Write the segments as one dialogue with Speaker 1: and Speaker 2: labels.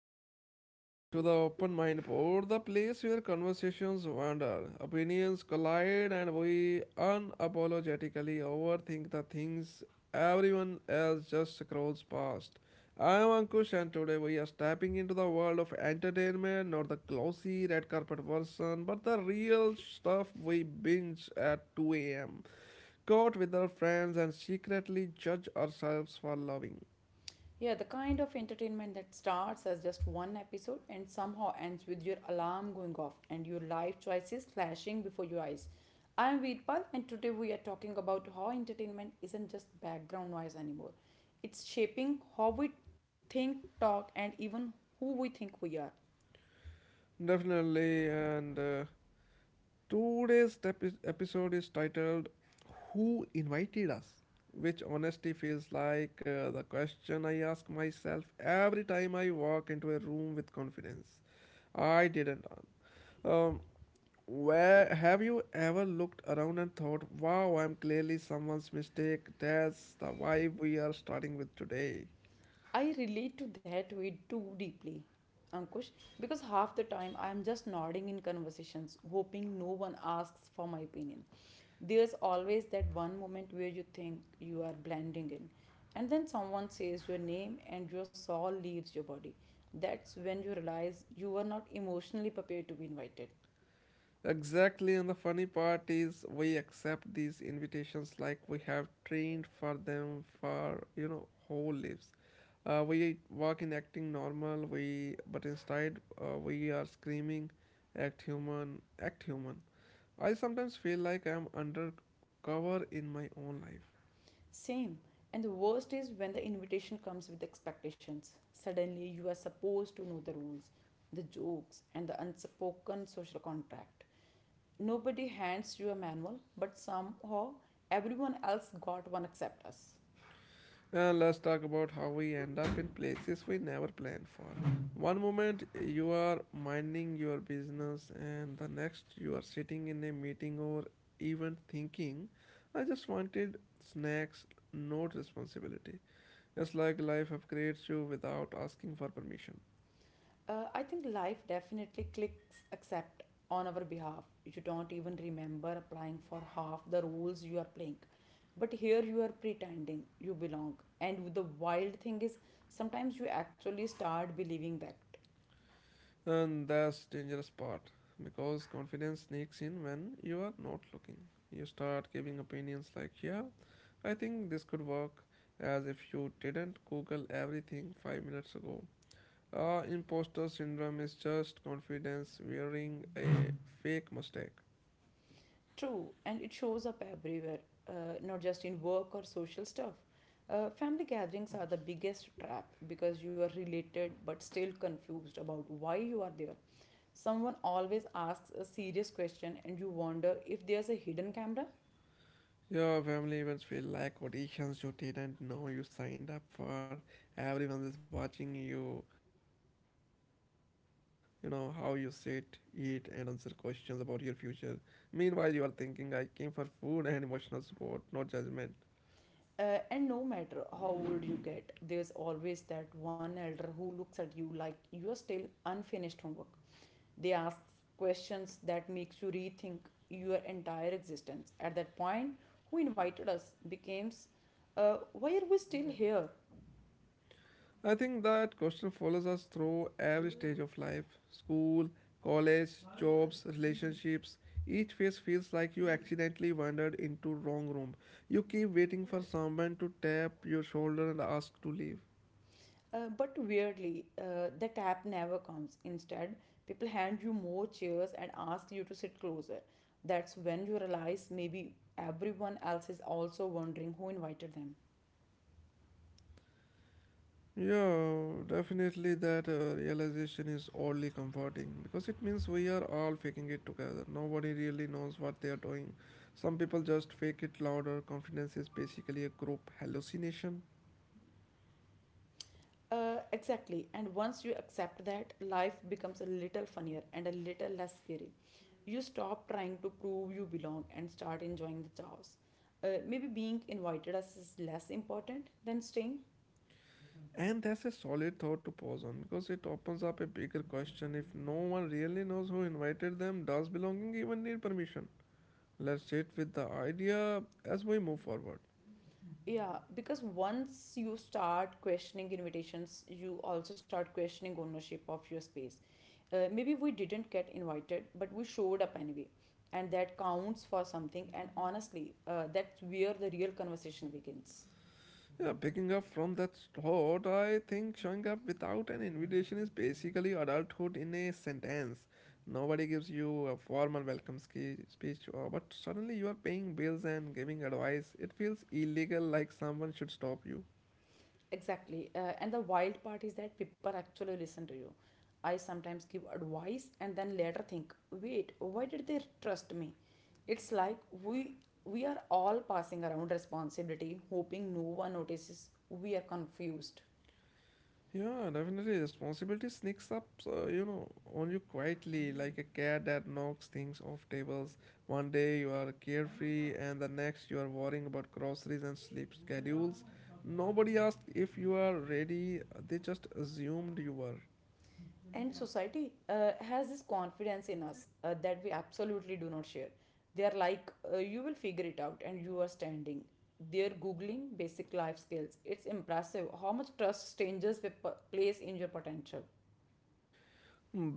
Speaker 1: right, welcome back to the Open Mind Board, the place where conversations wander, opinions collide, and we unapologetically overthink the things everyone else just scrolls past. I am Ankush, and today we are stepping into the world of entertainment, not the glossy red carpet version, but the real stuff we binge at 2 a.m. caught with our friends and secretly judge ourselves for loving.
Speaker 2: Yeah, the kind of entertainment that starts as just one episode and somehow ends with your alarm going off and your life choices flashing before your eyes. I am Veerpal, and today we are talking about how entertainment isn't just background noise anymore. It's shaping how we think, talk, and even who we think we are.
Speaker 1: Definitely, and episode is titled Who Invited Us? Which honestly feels like the question I ask myself every time I walk into a room with confidence. I didn't. Um, where have you ever looked around and thought, wow, I'm clearly someone's mistake? That's the vibe we are starting with today.
Speaker 2: I relate to that way too deeply, Ankush, because half the time I am just nodding in conversations, hoping no one asks for my opinion. There's always that one moment where you think you are blending in, and then someone says your name and your soul leaves your body. That's when you realize you were not emotionally prepared to be invited.
Speaker 1: Exactly, and the funny part is we accept these invitations like we have trained for them for whole lives. We walk in acting normal, we but instead we are screaming, act human, act human. I sometimes feel like I'm undercover in my own life.
Speaker 2: Same. And the worst is when the invitation comes with expectations. Suddenly, you are supposed to know the rules, the jokes, and the unspoken social contract. Nobody hands you a manual, but somehow everyone else got one except us.
Speaker 1: And let's talk about how we end up in places we never planned for. One moment you are minding your business, and the next you are sitting in a meeting or even thinking, I just wanted snacks, not responsibility. It's like life upgrades you without asking for permission.
Speaker 2: I think life definitely clicks accept on our behalf. You don't even remember applying for half the roles you are playing. But here you are pretending you belong. And the wild thing is, sometimes you actually start believing that.
Speaker 1: And that's dangerous part because confidence sneaks in when you are not looking. You start giving opinions like, yeah, I think this could work as if you didn't Google everything five minutes ago. Imposter syndrome is just confidence wearing a fake mustache.
Speaker 2: True, and it shows up everywhere, not just in work or social stuff. Family gatherings are the biggest trap because you are related but still confused about why you are there. Someone always asks a serious question and you wonder if there's a hidden camera.
Speaker 1: Your family events feel like auditions you didn't know you signed up for. Everyone is watching you, you know, how you sit, eat, and answer questions about your future. Meanwhile, you are thinking, I came for food and emotional support, not judgment.
Speaker 2: And no matter how old you get, there's always that one elder who looks at you like you are still unfinished homework. They ask questions that makes you rethink your entire existence. At that point, who invited us becomes, why are we still here?
Speaker 1: I think that question follows us through every stage of life: school, college, jobs, relationships. Each phase feels like you accidentally wandered into wrong room. You keep waiting for someone to tap your shoulder and ask to leave.
Speaker 2: But weirdly, the tap never comes. Instead, people hand you more chairs and ask you to sit closer. That's when you realize maybe everyone else is also wondering who invited them.
Speaker 1: Yeah, definitely that realization is oddly comforting because it means we are all faking it together. Nobody really knows what they are doing. Some people just fake it louder. Confidence is basically a group hallucination.
Speaker 2: Exactly. And once you accept that, life becomes a little funnier and a little less scary. You stop trying to prove you belong and start enjoying the chaos. Maybe being invited as is less important than staying.
Speaker 1: And that's a solid thought to pause on because it opens up a bigger question: if no one really knows who invited them, does belonging even need permission? Let's sit with the idea as we move forward.
Speaker 2: Yeah, because once you start questioning invitations, you also start questioning ownership of your space. Maybe we didn't get invited, but we showed up anyway. And that counts for something. And honestly, that's where the real conversation begins.
Speaker 1: Yeah, picking up from that thought, I think showing up without an invitation is basically adulthood in a sentence. Nobody gives you a formal speech, but suddenly you are paying bills and giving advice. It feels illegal, like someone should stop you.
Speaker 2: Exactly. And the wild part is that people actually listen to you. I sometimes give advice and then later think, wait, why did they trust me? It's like we we are all passing around responsibility, hoping no one notices we are confused.
Speaker 1: Yeah, definitely. Responsibility sneaks up, on you quietly, like a cat that knocks things off tables. One day you are carefree, and the next you are worrying about groceries and sleep schedules. Nobody asked if you are ready, they just assumed you were.
Speaker 2: And society, has this confidence in us, that we absolutely do not share. They are like, you will figure it out, and you are standing. They're googling basic life skills. It's impressive how much trust strangers will place in your potential.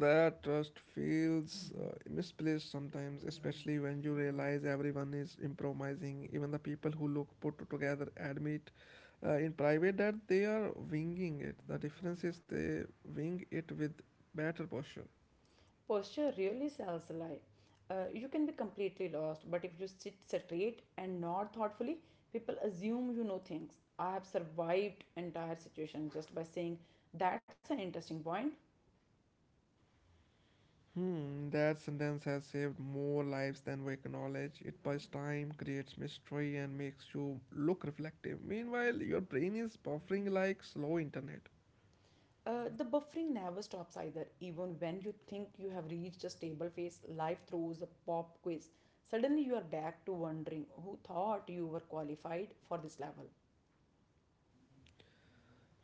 Speaker 1: That trust feels misplaced sometimes, especially when you realize everyone is improvising. Even the people who look put together admit in private that they are winging it. The difference is they wing it with better posture.
Speaker 2: Posture really sells a lie. You can be completely lost, but if you sit straight and nod thoughtfully, people assume you know things. I have survived entire situations just by saying, that's an interesting point.
Speaker 1: Hmm, that sentence has saved more lives than we acknowledge. It buys time, creates mystery, and makes you look reflective. Meanwhile, your brain is buffering like slow internet.
Speaker 2: The buffering never stops either. Even when you think you have reached a stable phase, life throws a pop quiz. Suddenly, you are back to wondering who thought you were qualified for this level.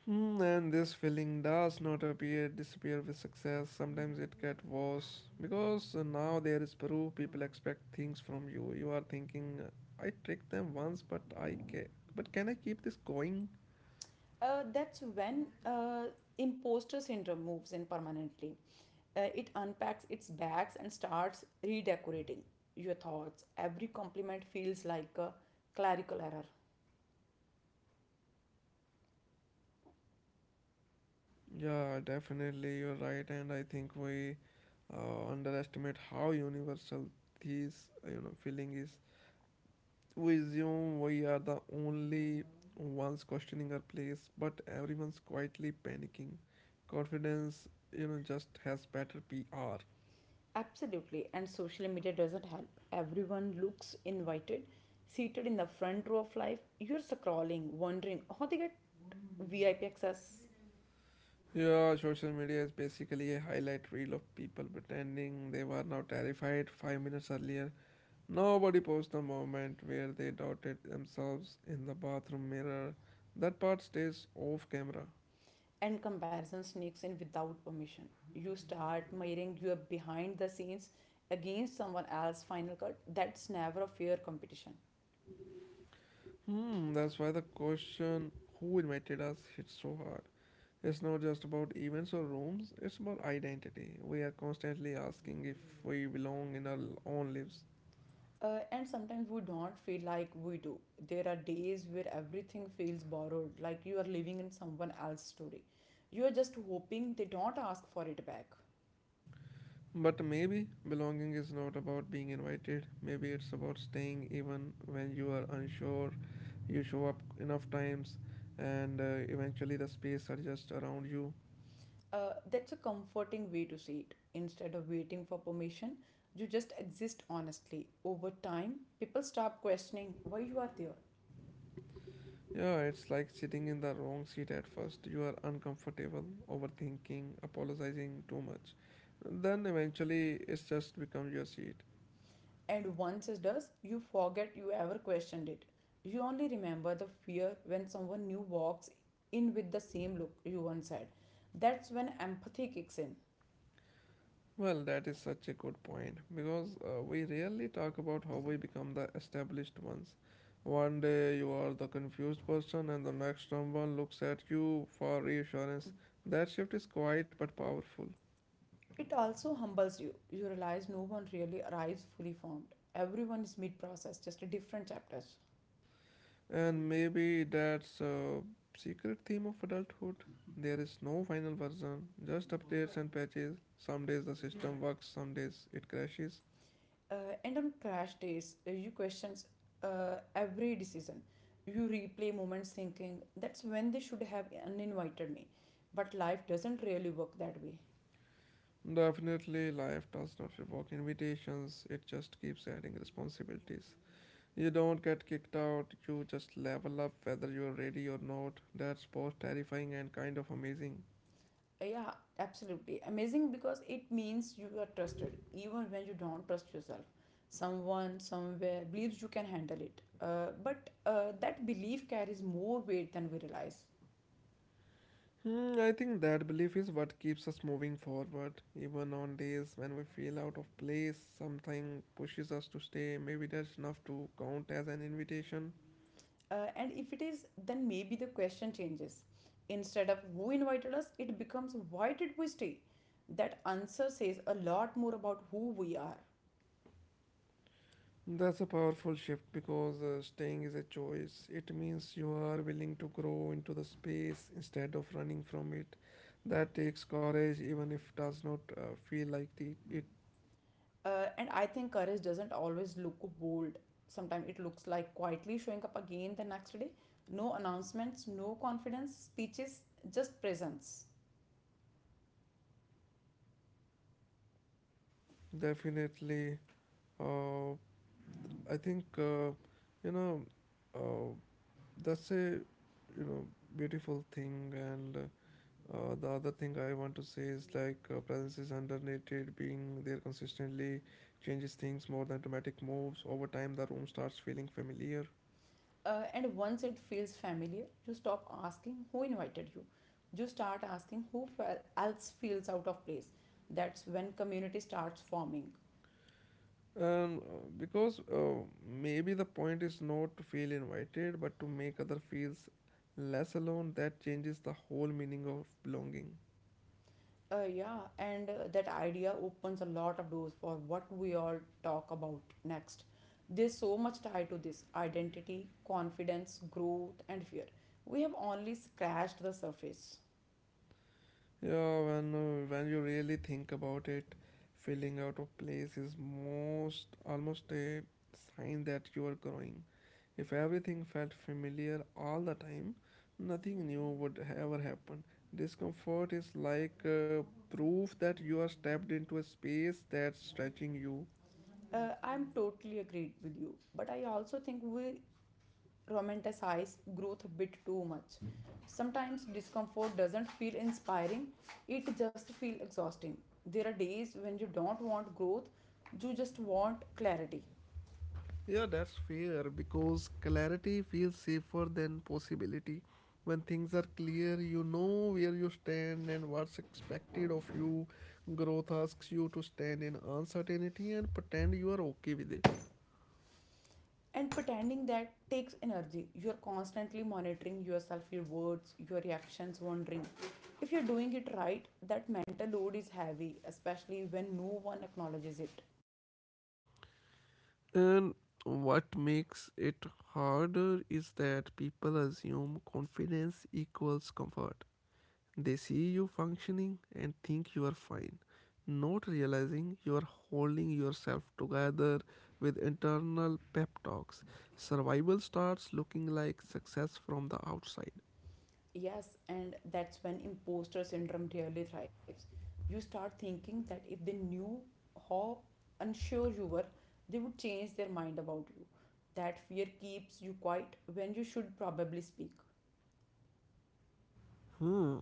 Speaker 1: Hmm, and this feeling does not appear disappear with success. Sometimes it gets worse because now there is proof. People expect things from you. You are thinking, I tricked them once, but can I keep this going?
Speaker 2: That's when imposter syndrome moves in permanently. It unpacks its bags and starts redecorating your thoughts. Every compliment feels like a clerical error.
Speaker 1: Yeah, definitely, you're right, and I think we underestimate how universal this feeling is. We assume we are the only ones questioning our place, but everyone's quietly panicking. Confidence, just has better PR.
Speaker 2: Absolutely, and social media doesn't help. Everyone looks invited, seated in the front row of life. You're scrolling, wondering how they get VIP access,
Speaker 1: Yeah, social media is basically a highlight reel of people pretending they were now terrified five minutes earlier. Nobody posts the moment where they doubted themselves in the bathroom mirror. That part stays off camera.
Speaker 2: and comparison sneaks in without permission. You start mirroring your behind the scenes against someone else's final cut. That's never a fair competition.
Speaker 1: Hmm, that's why the question who invited us hits so hard. It's not just about events or rooms, it's about identity. We are constantly asking if we belong in our own lives.
Speaker 2: And sometimes we don't feel like we do. There are days where everything feels borrowed, like you are living in someone else's story. You are just hoping they don't ask for it back.
Speaker 1: But maybe belonging is not about being invited, maybe it's about staying even when you are unsure. You show up enough times, and eventually the space are just around you.
Speaker 2: That's a comforting way to see it. Instead of waiting for permission, you just exist honestly. Over time, people stop questioning why you are there.
Speaker 1: Yeah, it's like sitting in the wrong seat at first. You are uncomfortable, overthinking, apologizing too much. Then eventually it's just become your seat.
Speaker 2: And once it does, you forget you ever questioned it. You only remember the fear when someone new walks in with the same look you once had. That's when empathy kicks in.
Speaker 1: Well, that is such a good point because we rarely talk about how we become the established ones. One day you are the confused person, and the next someone looks at you for reassurance. That shift is quiet but powerful.
Speaker 2: It also humbles you. You realize no one really arrives fully formed. Everyone is mid process, just a different chapters.
Speaker 1: And maybe that's a secret theme of adulthood. There is no final version, just updates and patches. Some days the system works, some days it crashes.
Speaker 2: Uh, and on crash days, you questions every decision. You replay moments thinking that's when they should have uninvited me. But life doesn't really work that way.
Speaker 1: Definitely, life does not revoke invitations, it just keeps adding responsibilities. You don't get kicked out, you just level up whether you are ready or not. That's both terrifying and kind of amazing.
Speaker 2: Yeah, absolutely. Amazing because it means you are trusted even when you don't trust yourself. Someone somewhere believes you can handle it. But that belief carries more weight than we realize.
Speaker 1: Hmm, I think that belief is what keeps us moving forward. Even on days when we feel out of place, something pushes us to stay. Maybe that's enough to count as an invitation.
Speaker 2: And if it is, then maybe the question changes. Instead of who invited us, it becomes why did we stay? That answer says a lot more about who we are.
Speaker 1: That's a powerful shift because staying is a choice. It means you are willing to grow into the space instead of running from it. That takes courage, even if does not feel like the, it.
Speaker 2: And I think courage doesn't always look bold. Sometimes it looks like quietly showing up again the next day. No announcements, no confidence, speeches, just presence.
Speaker 1: Definitely. Uh, I think, you know, uh, That's a you know beautiful thing, and the other thing I want to say is like presence is underrated. Being there consistently changes things more than dramatic moves. Over time, the room starts feeling familiar.
Speaker 2: And once it feels familiar, you stop asking who invited you. You start asking who else feels out of place. That's when community starts forming.
Speaker 1: And because maybe the point is not to feel invited, but to make other feels less alone, that changes the whole meaning of belonging.
Speaker 2: Yeah, and that idea opens a lot of doors for what we all talk about next. There's so much tied to this identity, confidence, growth, and fear. We have only scratched the surface.
Speaker 1: Yeah, when you really think about it, feeling out of place is most almost a sign that you are growing. If everything felt familiar all the time, nothing new would ever happen. Discomfort is like proof that you are stepped into a space that's stretching you.
Speaker 2: I'm totally agreed with you, but I also think we romanticize growth a bit too much. Sometimes discomfort doesn't feel inspiring, it just feels exhausting. There are days when you don't want growth, you just want clarity.
Speaker 1: Yeah, that's fair because clarity feels safer than possibility. When things are clear, you know where you stand and what's expected of you. Growth asks you to stand in uncertainty and pretend you are okay with it.
Speaker 2: And pretending that takes energy. You're constantly monitoring yourself, your words, your reactions, wondering if you're doing it right. That mental load is heavy, especially when no one acknowledges it.
Speaker 1: And what makes it harder is that people assume confidence equals comfort. They see you functioning and think you are fine, not realizing you are holding yourself together with internal pep talks. Survival starts looking like success from the outside.
Speaker 2: Yes, and that's when imposter syndrome really thrives. You start thinking that if they knew how unsure you were, they would change their mind about you. That fear keeps you quiet when you should probably speak.
Speaker 1: Hmm.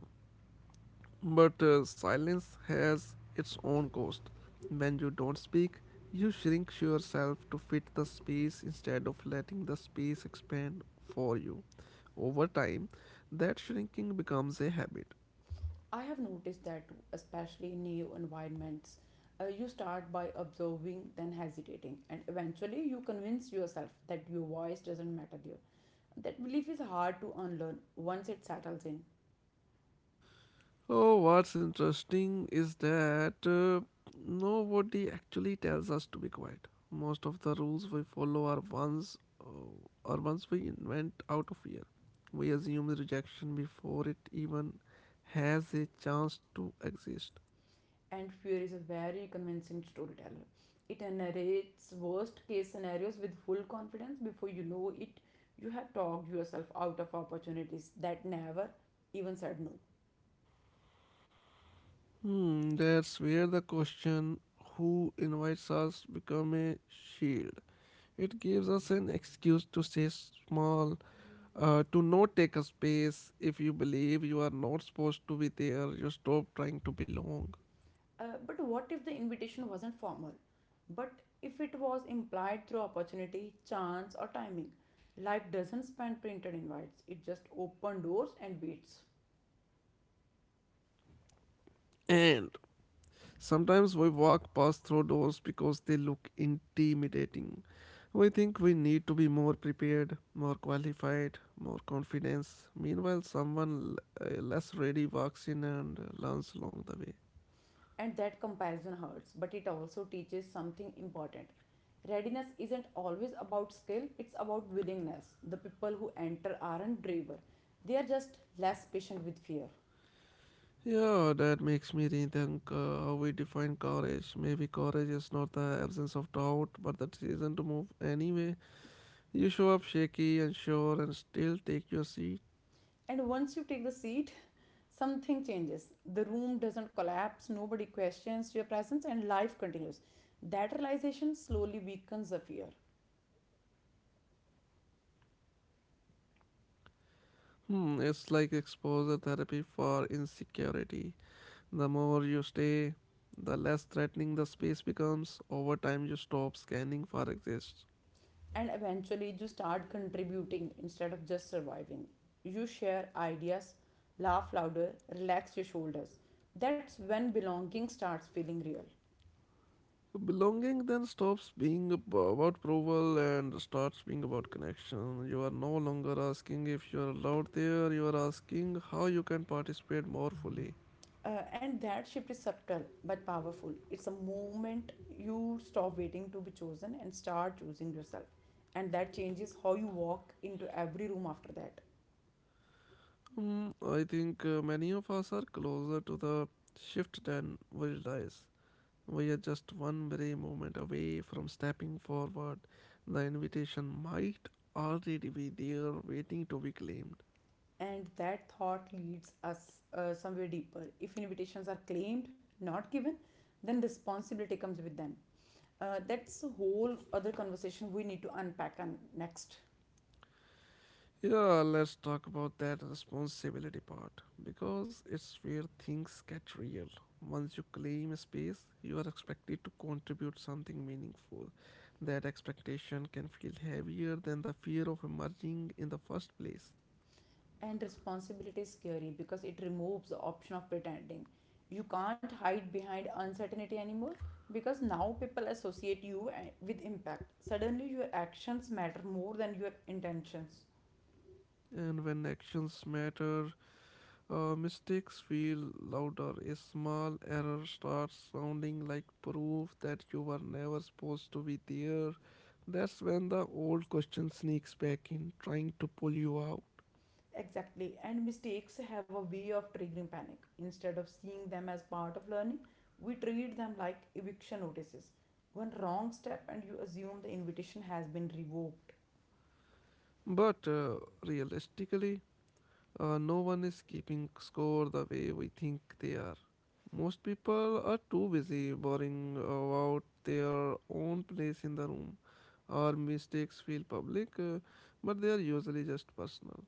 Speaker 1: But silence has its own cost. When you don't speak, you shrink yourself to fit the space instead of letting the space expand for you. Over time, that shrinking becomes a habit.
Speaker 2: I have noticed that too, especially in new environments. You start by observing, then hesitating, and eventually you convince yourself that your voice doesn't matter there. That belief is hard to unlearn once it settles in.
Speaker 1: Oh, what's interesting is that nobody actually tells us to be quiet. Most of the rules we follow are ones we invent out of fear. We assume the rejection before it even has a chance to exist.
Speaker 2: And fear is a very convincing storyteller. It narrates worst case scenarios with full confidence. Before you know it, you have talked yourself out of opportunities that never even said no.
Speaker 1: Hmm, that's where the question who invites us become a shield. It gives us an excuse to stay small, to not take a space. If you believe you are not supposed to be there, you stop trying to belong.
Speaker 2: But what if the invitation wasn't formal? But if it was implied through opportunity, chance, or timing? Life doesn't spend printed invites, it just opens doors and waits.
Speaker 1: And sometimes we walk past through doors because they look intimidating. We think we need to be more prepared, more qualified, more confidence. Meanwhile, less ready walks in and learns along the way.
Speaker 2: And that comparison hurts, but it also teaches something important. Readiness isn't always about skill, it's about willingness. The people who enter aren't braver, they are just less patient with fear.
Speaker 1: Yeah, that makes me rethink how we define courage. Maybe courage is not the absence of doubt, but the decision to move anyway. You show up shaky and sure and still take your seat.
Speaker 2: And once you take the seat, something changes. The room doesn't collapse, nobody questions your presence, and life continues. That realization slowly weakens the fear.
Speaker 1: Hmm, it's like exposure therapy for insecurity. The more you stay, the less threatening the space becomes. Over time, you stop scanning for exists.
Speaker 2: And eventually you start contributing instead of just surviving. You share ideas, laugh louder, relax your shoulders. That's when belonging starts feeling real.
Speaker 1: Belonging then stops being about approval and starts being about connection. You are no longer asking if you are allowed there, you are asking how you can participate more fully.
Speaker 2: And that shift is subtle but powerful. It's a moment you stop waiting to be chosen and start choosing yourself. And that changes how you walk into every room after that.
Speaker 1: Mm, I think many of us are closer to the shift than we realize. We are just one brave moment away from stepping forward. The invitation might already be there waiting to be claimed.
Speaker 2: And that thought leads us somewhere deeper. If invitations are claimed, not given, then responsibility comes with them. That's a whole other conversation we need to unpack on next.
Speaker 1: Yeah, let's talk about that responsibility part because it's where things get real. Once you claim a space, you are expected to contribute something meaningful. That expectation can feel heavier than the fear of emerging in the first place.
Speaker 2: And responsibility is scary because it removes the option of pretending. You can't hide behind uncertainty anymore because now people associate you with impact. Suddenly, your actions matter more than your intentions.
Speaker 1: And when actions matter, mistakes feel louder. A small error starts sounding like proof that you were never supposed to be there. That's when the old question sneaks back in, trying to pull you out.
Speaker 2: Exactly, and mistakes have a way of triggering panic. Instead of seeing them as part of learning, we treat them like eviction notices. One wrong step, and you assume the invitation has been revoked.
Speaker 1: But realistically, no one is keeping score the way we think they are. Most people are too busy worrying about their own place in the room. Our mistakes feel public, but they are usually just personal.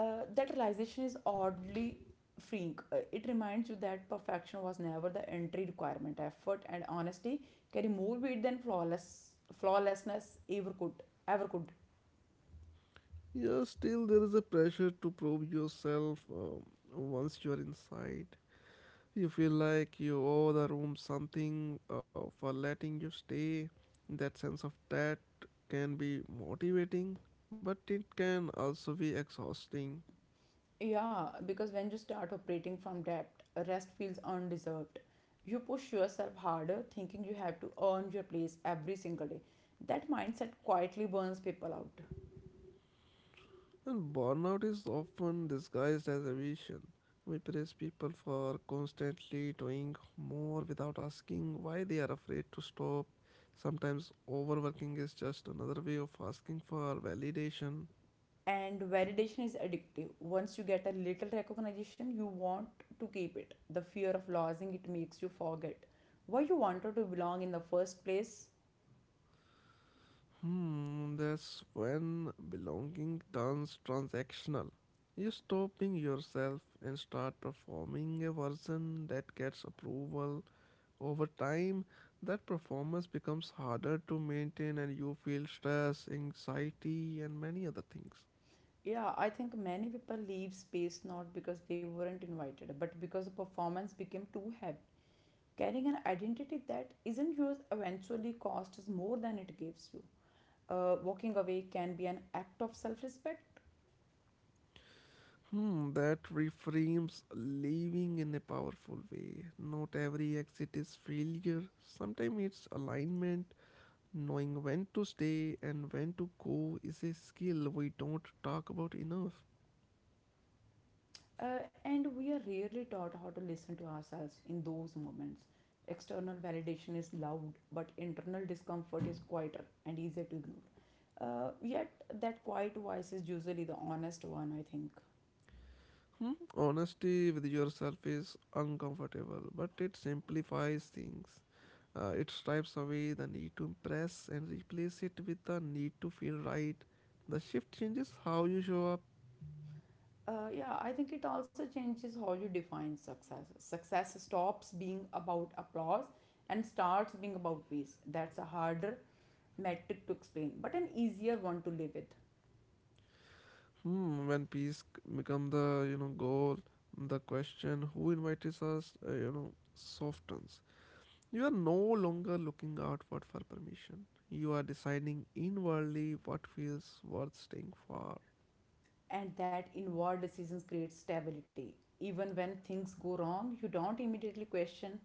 Speaker 2: That realization is oddly freeing. It reminds you that perfection was never the entry requirement. Effort and honesty carry more weight than flawlessness ever could.
Speaker 1: Yeah, still there is a pressure to prove yourself once you are inside. You feel like you owe the room something for letting you stay. That sense of debt can be motivating, but it can also be exhausting.
Speaker 2: Yeah, because when you start operating from depth, rest feels undeserved. You push yourself harder, thinking you have to earn your place every single day. That mindset quietly burns people out.
Speaker 1: And burnout is often disguised as ambition. We praise people for constantly doing more without asking why they are afraid to stop. Sometimes overworking is just another way of asking for validation.
Speaker 2: And validation is addictive. Once you get a little recognition, you want to keep it. The fear of losing it makes you forget why you wanted to belong in the first place.
Speaker 1: Hmm, that's when belonging turns transactional. You stop being yourself and start performing a version that gets approval. Over time, that performance becomes harder to maintain and you feel stress, anxiety, and many other things.
Speaker 2: Yeah, I think many people leave space not because they weren't invited, but because the performance became too heavy. Carrying an identity that isn't yours eventually costs more than it gives you. Walking away can be an act of self-respect.
Speaker 1: Hmm, that reframes living in a powerful way. Not every exit is failure. Sometimes it's alignment. Knowing when to stay and when to go is a skill we don't talk about enough.
Speaker 2: And we are rarely taught how to listen to ourselves in those moments. External validation is loud, but internal discomfort is quieter and easier to ignore. Yet, that quiet voice is usually the honest one, I think.
Speaker 1: Hmm? Honesty with yourself is uncomfortable, but it simplifies things. It stripes away the need to impress and replace it with the need to feel right. The shift changes how you show up.
Speaker 2: Yeah, I think it also changes how you define success. Success stops being about applause and starts being about peace. That's a harder metric to explain, but an easier one to live with.
Speaker 1: Hmm, when peace become the goal, the question who invites us softens. You are no longer looking outward for permission. You are deciding inwardly what feels worth staying for.
Speaker 2: And that involved decisions create stability even when things go wrong. You don't immediately question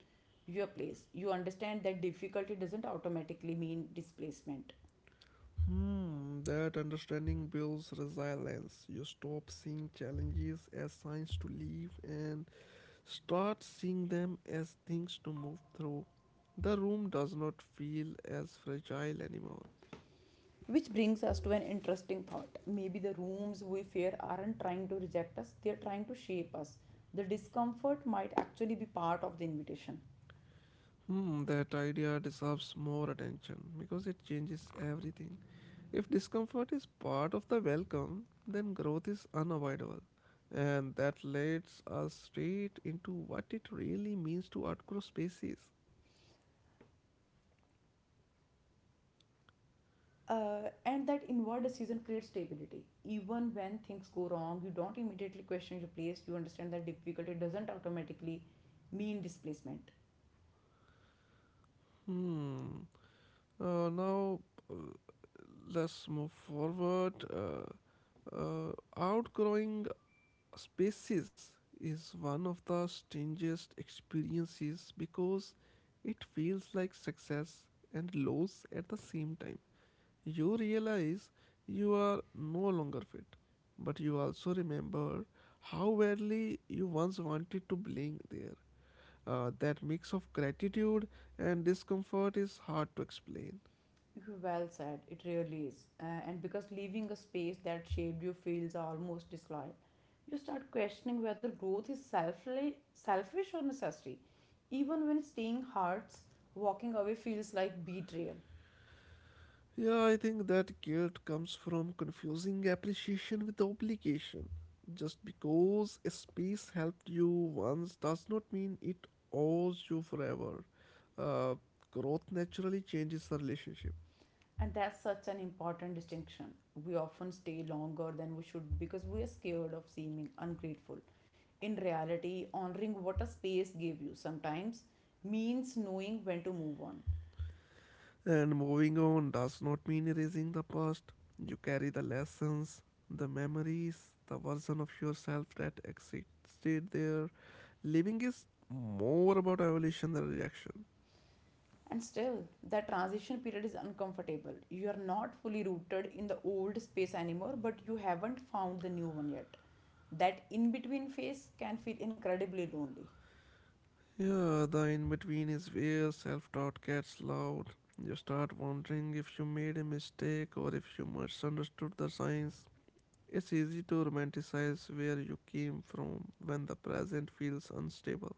Speaker 2: your place. You understand that difficulty doesn't automatically mean displacement.
Speaker 1: Hmm, that understanding builds resilience. You stop seeing challenges as signs to leave and start seeing them as things to move through. The room does not feel as fragile anymore.
Speaker 2: Which brings us to an interesting thought: maybe the rooms we fear aren't trying to reject us, they're trying to shape us. The discomfort might actually be part of the invitation.
Speaker 1: Hmm, that idea deserves more attention because it changes everything. If discomfort is part of the welcome, then growth is unavoidable. And that leads us straight into what it really means to outgrow spaces.
Speaker 2: And that inward decision creates stability even when things go wrong. You don't immediately question your place. You understand that difficulty doesn't automatically mean displacement.
Speaker 1: Hmm. Now, uh, let's move forward. Uh, Outgrowing species is one of the strangest experiences because it feels like success and loss at the same time. You realize you are no longer fit, but you also remember how badly you once wanted to belong there. That mix of gratitude and discomfort is hard to explain.
Speaker 2: Well said, it really is, and because leaving a space that shaped you feels almost disloyal, you start questioning whether growth is selfish or necessary. Even when staying hurts, walking away feels like betrayal.
Speaker 1: Yeah, I think that guilt comes from confusing appreciation with obligation. Just because a space helped you once does not mean it owes you forever. Uh, growth naturally changes the relationship,
Speaker 2: And that's such an important distinction. We often stay longer than we should because we are scared of seeming ungrateful. In reality, honoring what a space gave you sometimes means knowing when to move on.
Speaker 1: and moving on does not mean erasing the past. You carry the lessons, the memories, the version of yourself that existed there. Living is more about evolution than reaction.
Speaker 2: And still, that transition period is uncomfortable. You are not fully rooted in the old space anymore, but you haven't found the new one yet. That in between phase can feel incredibly lonely.
Speaker 1: Yeah, the in between is where self doubt gets loud. You start wondering if you made a mistake or if you misunderstood the signs. It's easy to romanticize where you came from when the present feels unstable.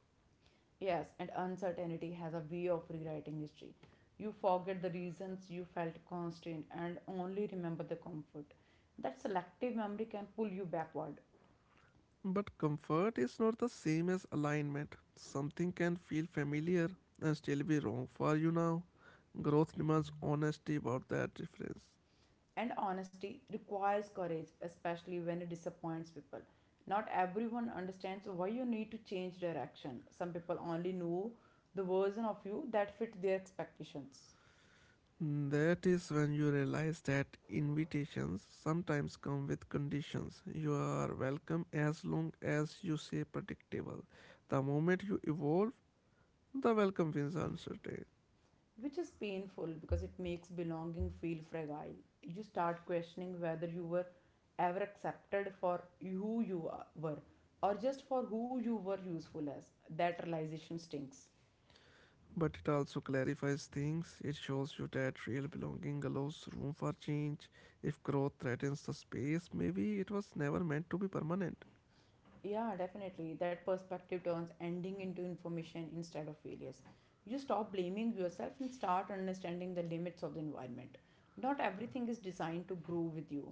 Speaker 2: Yes, and uncertainty has a way of rewriting history. You forget the reasons you felt constrained and only remember the comfort. That selective memory can pull you backward.
Speaker 1: But comfort is not the same as alignment. Something can feel familiar and still be wrong for you now. Growth demands honesty about that difference.
Speaker 2: And honesty requires courage, especially when it disappoints people. Not everyone understands why you need to change direction. Some people only know the version of you that fit their expectations.
Speaker 1: Mm, that is when you realize that invitations sometimes come with conditions. You are welcome as long as you say predictable. The moment you evolve, the welcome feels uncertain.
Speaker 2: Which is painful because it makes belonging feel fragile. You start questioning whether you were ever accepted for who you were or just for who you were useful as. That realization stinks.
Speaker 1: But it also clarifies things. It shows you that real belonging allows room for change. If growth threatens the space, maybe it was never meant to be permanent.
Speaker 2: Yeah, definitely. That perspective turns ending into information instead of failures. You stop blaming yourself and start understanding the limits of the environment. Not everything is designed to grow with you.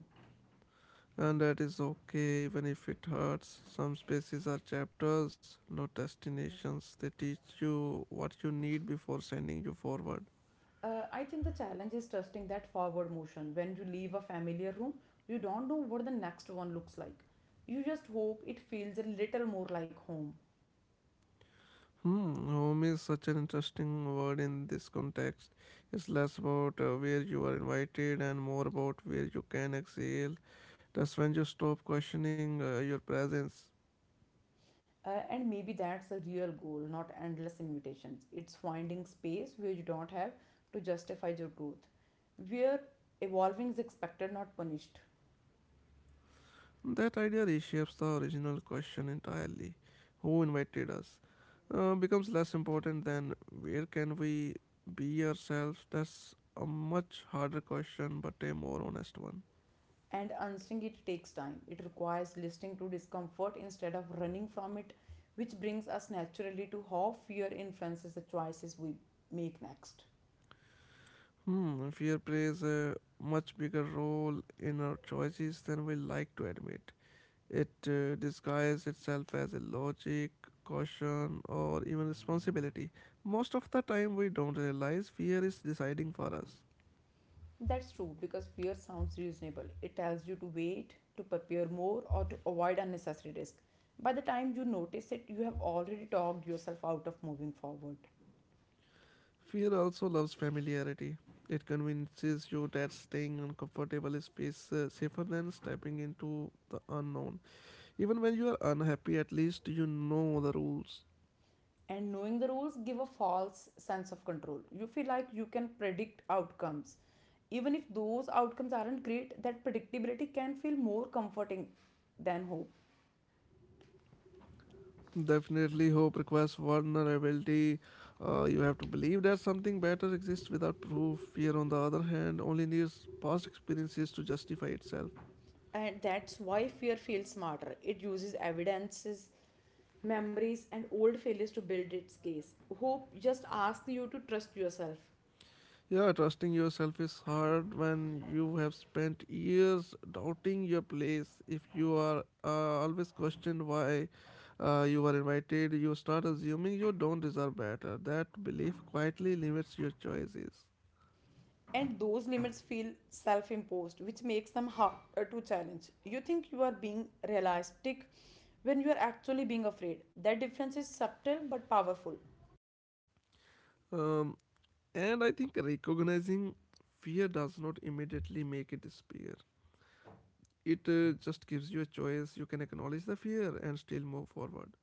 Speaker 1: And that is okay, even if it hurts. Some spaces are chapters, not destinations. They teach you what you need before sending you forward.
Speaker 2: I think the challenge is trusting that forward motion. When you leave a familiar room, you don't know what the next one looks like. You just hope it feels a little more like home.
Speaker 1: Hmm, home is such an interesting word in this context. It's less about where you are invited and more about where you can exhale. That's when you stop questioning your presence.
Speaker 2: And maybe that's a real goal, not endless invitations. It's finding space where you don't have to justify your growth, where evolving is expected, not punished.
Speaker 1: That idea reshapes the original question entirely. Who invited us? Becomes less important than where can we be ourselves? That's a much harder question, but a more honest one.
Speaker 2: And unstring it takes time. It requires listening to discomfort instead of running from it, which brings us naturally to how fear influences the choices we make next.
Speaker 1: Hmm, fear plays a much bigger role in our choices than we like to admit. It disguises itself as a logic, caution, or even responsibility. Most of the time, we don't realize fear is deciding for us.
Speaker 2: That's true because fear sounds reasonable. It tells you to wait, to prepare more, or to avoid unnecessary risk. By the time you notice it, you have already talked yourself out of moving forward.
Speaker 1: Fear also loves familiarity. It convinces you that staying uncomfortable is space, safer than stepping into the unknown. Even when you are unhappy, at least you know the rules.
Speaker 2: And knowing the rules give a false sense of control. You feel like you can predict outcomes even if those outcomes aren't great. That predictability can feel more comforting than hope.
Speaker 1: Definitely, hope requires vulnerability. You have to believe that something better exists without proof. Fear, on the other hand, only needs past experiences to justify itself.
Speaker 2: And that's why fear feels smarter. It uses evidences, memories and old failures to build its case. Hope just asks you to trust yourself.
Speaker 1: Yeah, trusting yourself is hard when you have spent years doubting your place. If you are always questioned why you were invited, you start assuming you don't deserve better. That belief quietly limits your choices.
Speaker 2: And those limits feel self imposed, which makes them hard to challenge. You think you are being realistic when you are actually being afraid. That difference is subtle but powerful.
Speaker 1: Um, and I think recognizing fear does not immediately make it disappear. It just gives you a choice. You can acknowledge the fear and still move forward.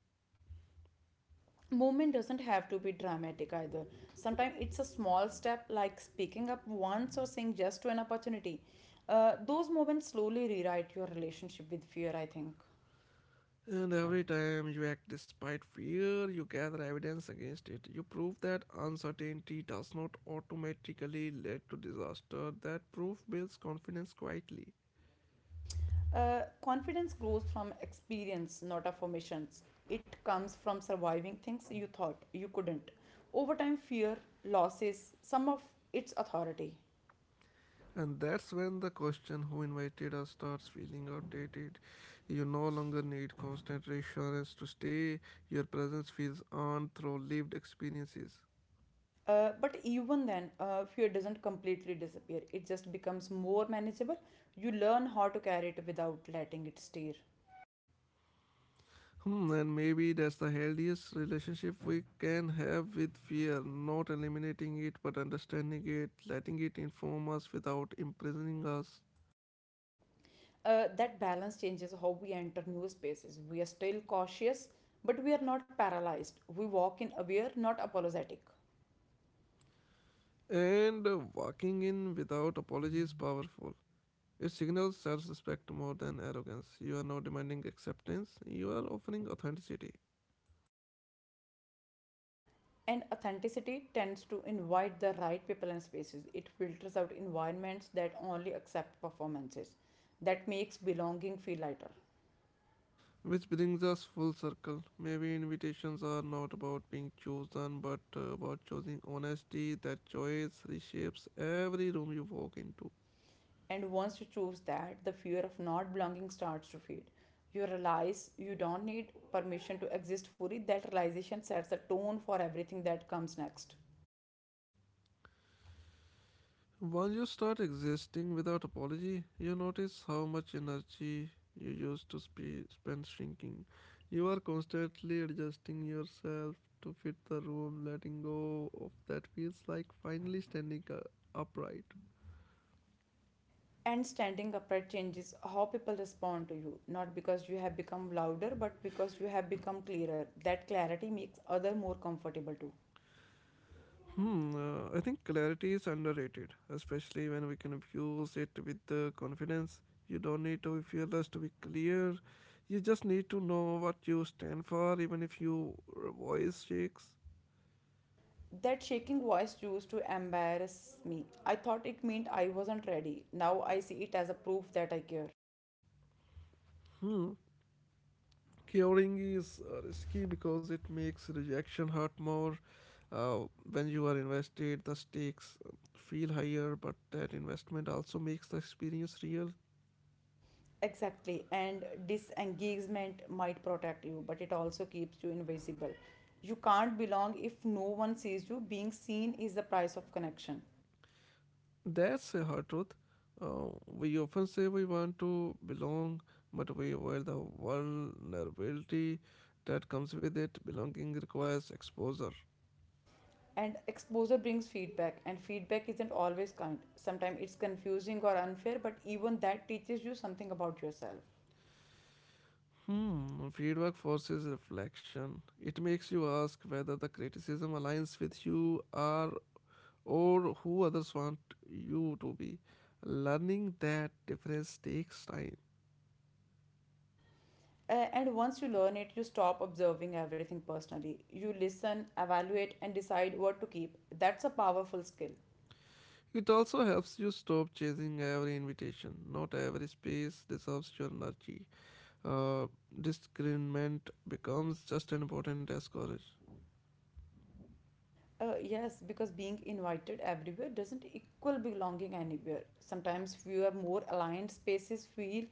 Speaker 2: Movement doesn't have to be dramatic either. Sometimes it's a small step like speaking up once or saying yes to an opportunity. Those moments slowly rewrite your relationship with fear, I think.
Speaker 1: And every time you act despite fear, you gather evidence against it. You prove that uncertainty does not automatically lead to disaster. That proof builds confidence quietly.
Speaker 2: Confidence grows from experience, not affirmations. It comes from surviving things you thought you couldn't. Over time, fear loses some of its authority.
Speaker 1: And that's when the question who invited us starts feeling outdated. You no longer need constant reassurance to stay. Your presence feels earned through lived experiences.
Speaker 2: But even then, fear doesn't completely disappear. It just becomes more manageable. You learn how to carry it without letting it steer.
Speaker 1: Hmm, and maybe that's the healthiest relationship we can have with fear, not eliminating it but understanding it, letting it inform us without imprisoning us.
Speaker 2: That balance changes how we enter new spaces. We are still cautious, but we are not paralyzed. We walk in aware, not apologetic.
Speaker 1: And walking in without apology is powerful. It signals self respect more than arrogance. You are not demanding acceptance, you are offering authenticity.
Speaker 2: And authenticity tends to invite the right people and spaces. It filters out environments that only accept performances. That makes belonging feel lighter.
Speaker 1: Which brings us full circle. Maybe invitations are not about being chosen, but about choosing honesty. That choice reshapes every room you walk into.
Speaker 2: And once you choose that, the fear of not belonging starts to fade. You realize you don't need permission to exist fully. That realization sets the tone for everything that comes next.
Speaker 1: Once you start existing without apology, you notice how much energy you used to spend shrinking. You are constantly adjusting yourself to fit the room, letting go of that feels like finally standing upright.
Speaker 2: And standing upright changes how people respond to you, not because you have become louder, but because you have become clearer. That clarity makes other more comfortable too.
Speaker 1: Hmm, I think clarity is underrated, especially when we confuse it with the confidence. You don't need to be fearless to be clear. You just need to know what you stand for, even if your voice shakes.
Speaker 2: That shaking voice used to embarrass me. I thought it meant I wasn't ready. Now I see it as a proof that I care.
Speaker 1: Curing is risky because it makes rejection hurt more. Uh, when you are invested, the stakes feel higher, but that investment also makes the experience real.
Speaker 2: Exactly, and disengagement might protect you, but it also keeps you invisible. You can't belong if no one sees you. Being seen is the price of connection.
Speaker 1: That's a hard truth. We often say we want to belong, but we avoid the vulnerability that comes with it. Belonging requires exposure.
Speaker 2: And exposure brings feedback, and feedback isn't always kind. Sometimes it's confusing or unfair, but even that teaches you something about yourself.
Speaker 1: Hmm, feedback forces reflection. It makes you ask whether the criticism aligns with you or who others want you to be. Learning that difference takes time.
Speaker 2: And once you learn it, you stop observing everything personally. You listen, evaluate, and decide what to keep. That's a powerful skill.
Speaker 1: It also helps you stop chasing every invitation. Not every space deserves your energy. Uh, discernment becomes just as important as courage.
Speaker 2: Yes, because being invited everywhere doesn't equal belonging anywhere. Sometimes fewer, more aligned spaces feel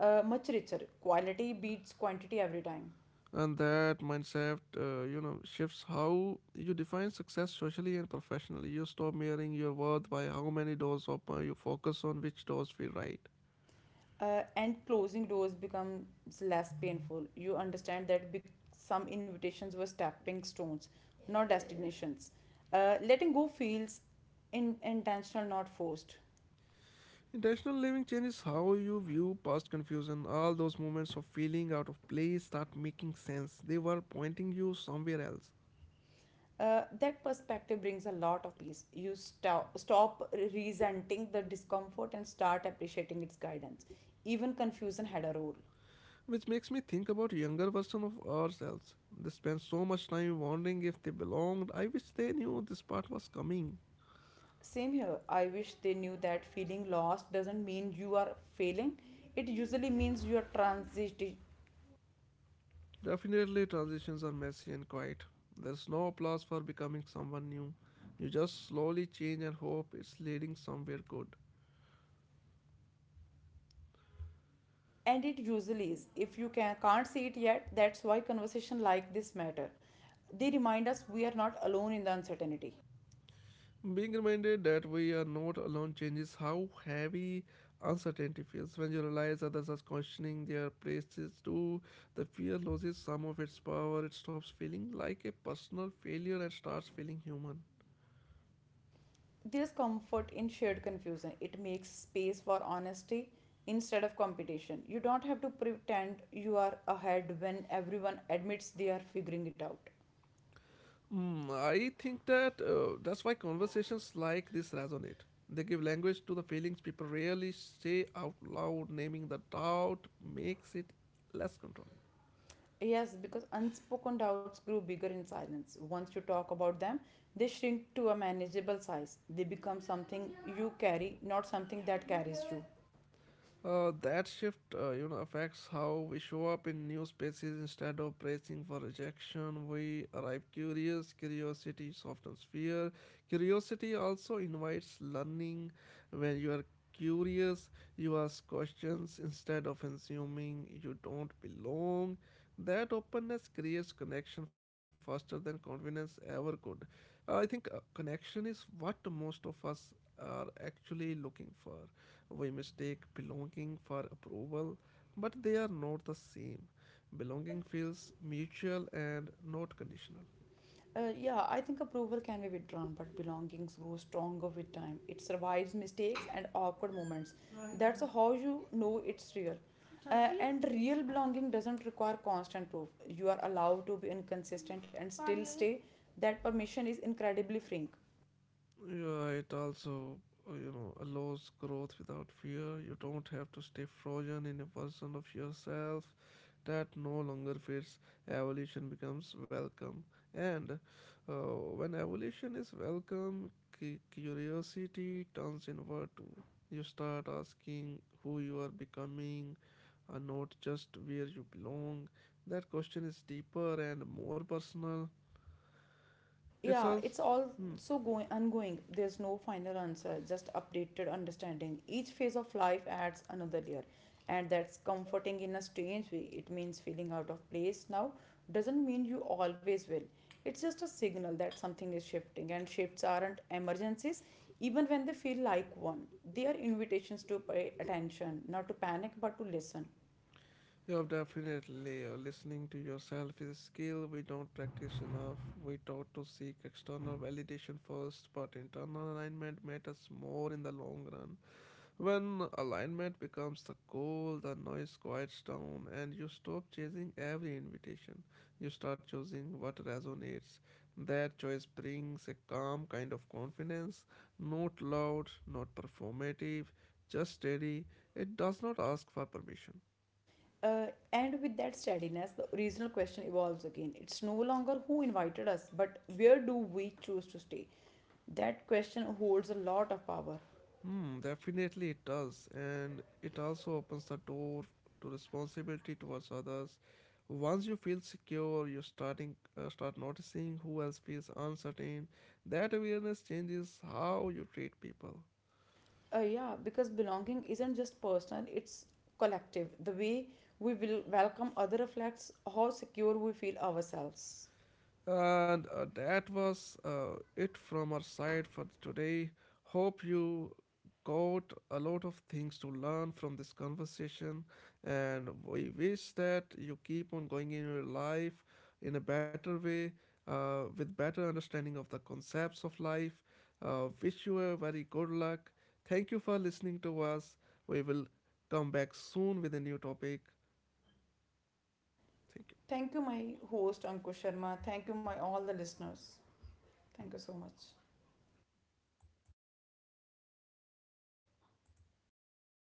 Speaker 2: much richer. Quality beats quantity every time.
Speaker 1: And that mindset, shifts how you define success socially and professionally. You stop measuring your worth by how many doors open. You focus on which doors feel right.
Speaker 2: And closing doors becomes less painful. You understand that some invitations were stepping stones, not destinations. Letting go feels intentional, not forced.
Speaker 1: Intentional living changes how you view past confusion. All those moments of feeling out of place start making sense. They were pointing you somewhere else.
Speaker 2: That perspective brings a lot of peace. You stop resenting the discomfort and start appreciating its guidance. Even confusion had a role.
Speaker 1: Which makes me think about younger version of ourselves. They spend so much time wondering if they belonged. I wish they knew this part was coming.
Speaker 2: Same here. I wish they knew that feeling lost doesn't mean you are failing. It usually means you are transiting.
Speaker 1: Definitely, transitions are messy and quiet. There's no applause for becoming someone new. You just slowly change and hope it's leading somewhere good.
Speaker 2: And it usually is if you can't see it yet. That's why conversation like this matter. They remind us we are not alone in the uncertainty.
Speaker 1: Being reminded that we are not alone changes how heavy uncertainty feels. When you realize others are questioning their places too, the fear loses some of its power. It stops feeling like a personal failure and starts feeling human.
Speaker 2: There's comfort in shared confusion. It makes space for honesty instead of competition. You don't have to pretend you are ahead when everyone admits they are figuring it out.
Speaker 1: Hmm, I think that that's why conversations like this resonate. They give language to the feelings people rarely say out loud. Naming the doubt makes it less controlling.
Speaker 2: Yes, because unspoken doubts grow bigger in silence. Once you talk about them, they shrink to a manageable size. They become something you carry, not something that carries you.
Speaker 1: That shift, affects how we show up in new spaces. Instead of bracing for rejection, we arrive curious. Curiosity softens fear. Curiosity also invites learning. When you are curious, you ask questions instead of assuming you don't belong. That openness creates connection faster than confidence ever could. I think connection is what most of us are actually looking for. We mistake belonging for approval, but they are not the same. Belonging feels mutual and not conditional.
Speaker 2: Yeah, I think approval can be withdrawn, but belongings grows stronger with time. It survives mistakes and awkward moments. Right. That's how you know it's real. Totally. And real belonging doesn't require constant proof. You are allowed to be inconsistent and still stay. That permission is incredibly freeing.
Speaker 1: Yeah, it also, allows growth without fear. You don't have to stay frozen in a version of yourself that no longer fits. Evolution becomes welcome. And uh, when evolution is welcome, curiosity turns inward too. You start asking who you are becoming, and not just where you belong. That question is deeper and more personal. It's
Speaker 2: Yeah,
Speaker 1: also.
Speaker 2: it's also going ongoing. There's no final answer, just updated understanding. Each phase of life adds another layer, and that's comforting in a strange way. It means feeling out of place now doesn't mean you always will. It's just a signal that something is shifting, and shifts aren't emergencies, even when they feel like one. They are invitations to pay attention, not to panic, but to listen.
Speaker 1: Yeah, definitely. Listening to yourself is a skill we don't practice enough. We taught to seek external validation first, but internal alignment matters more in the long run. When alignment becomes the goal, the noise quiets down, and you stop chasing every invitation. You start choosing what resonates. That choice brings a calm kind of confidence, not loud, not performative, just steady. It does not ask for permission.
Speaker 2: Uh, and with that steadiness, the original question evolves again. It's no longer who invited us, but where do we choose to stay? That question holds a lot of power.
Speaker 1: Hmm, definitely it does, and it also opens the door to responsibility towards others. Once you feel secure, you start noticing who else feels uncertain. That awareness changes how you treat people.
Speaker 2: Yeah, because belonging isn't just personal, it's collective. The way we will welcome other reflects how secure we feel ourselves.
Speaker 1: And that was it from our side for today. Hope you got a lot of things to learn from this conversation. And we wish that you keep on going in your life in a better way, with better understanding of the concepts of life. Wish you a very good luck. Thank you for listening to us. We will come back soon with a new topic. Thank you.
Speaker 2: Thank you, my host Ankush Sharma. Thank you, my all the listeners. Thank you so much.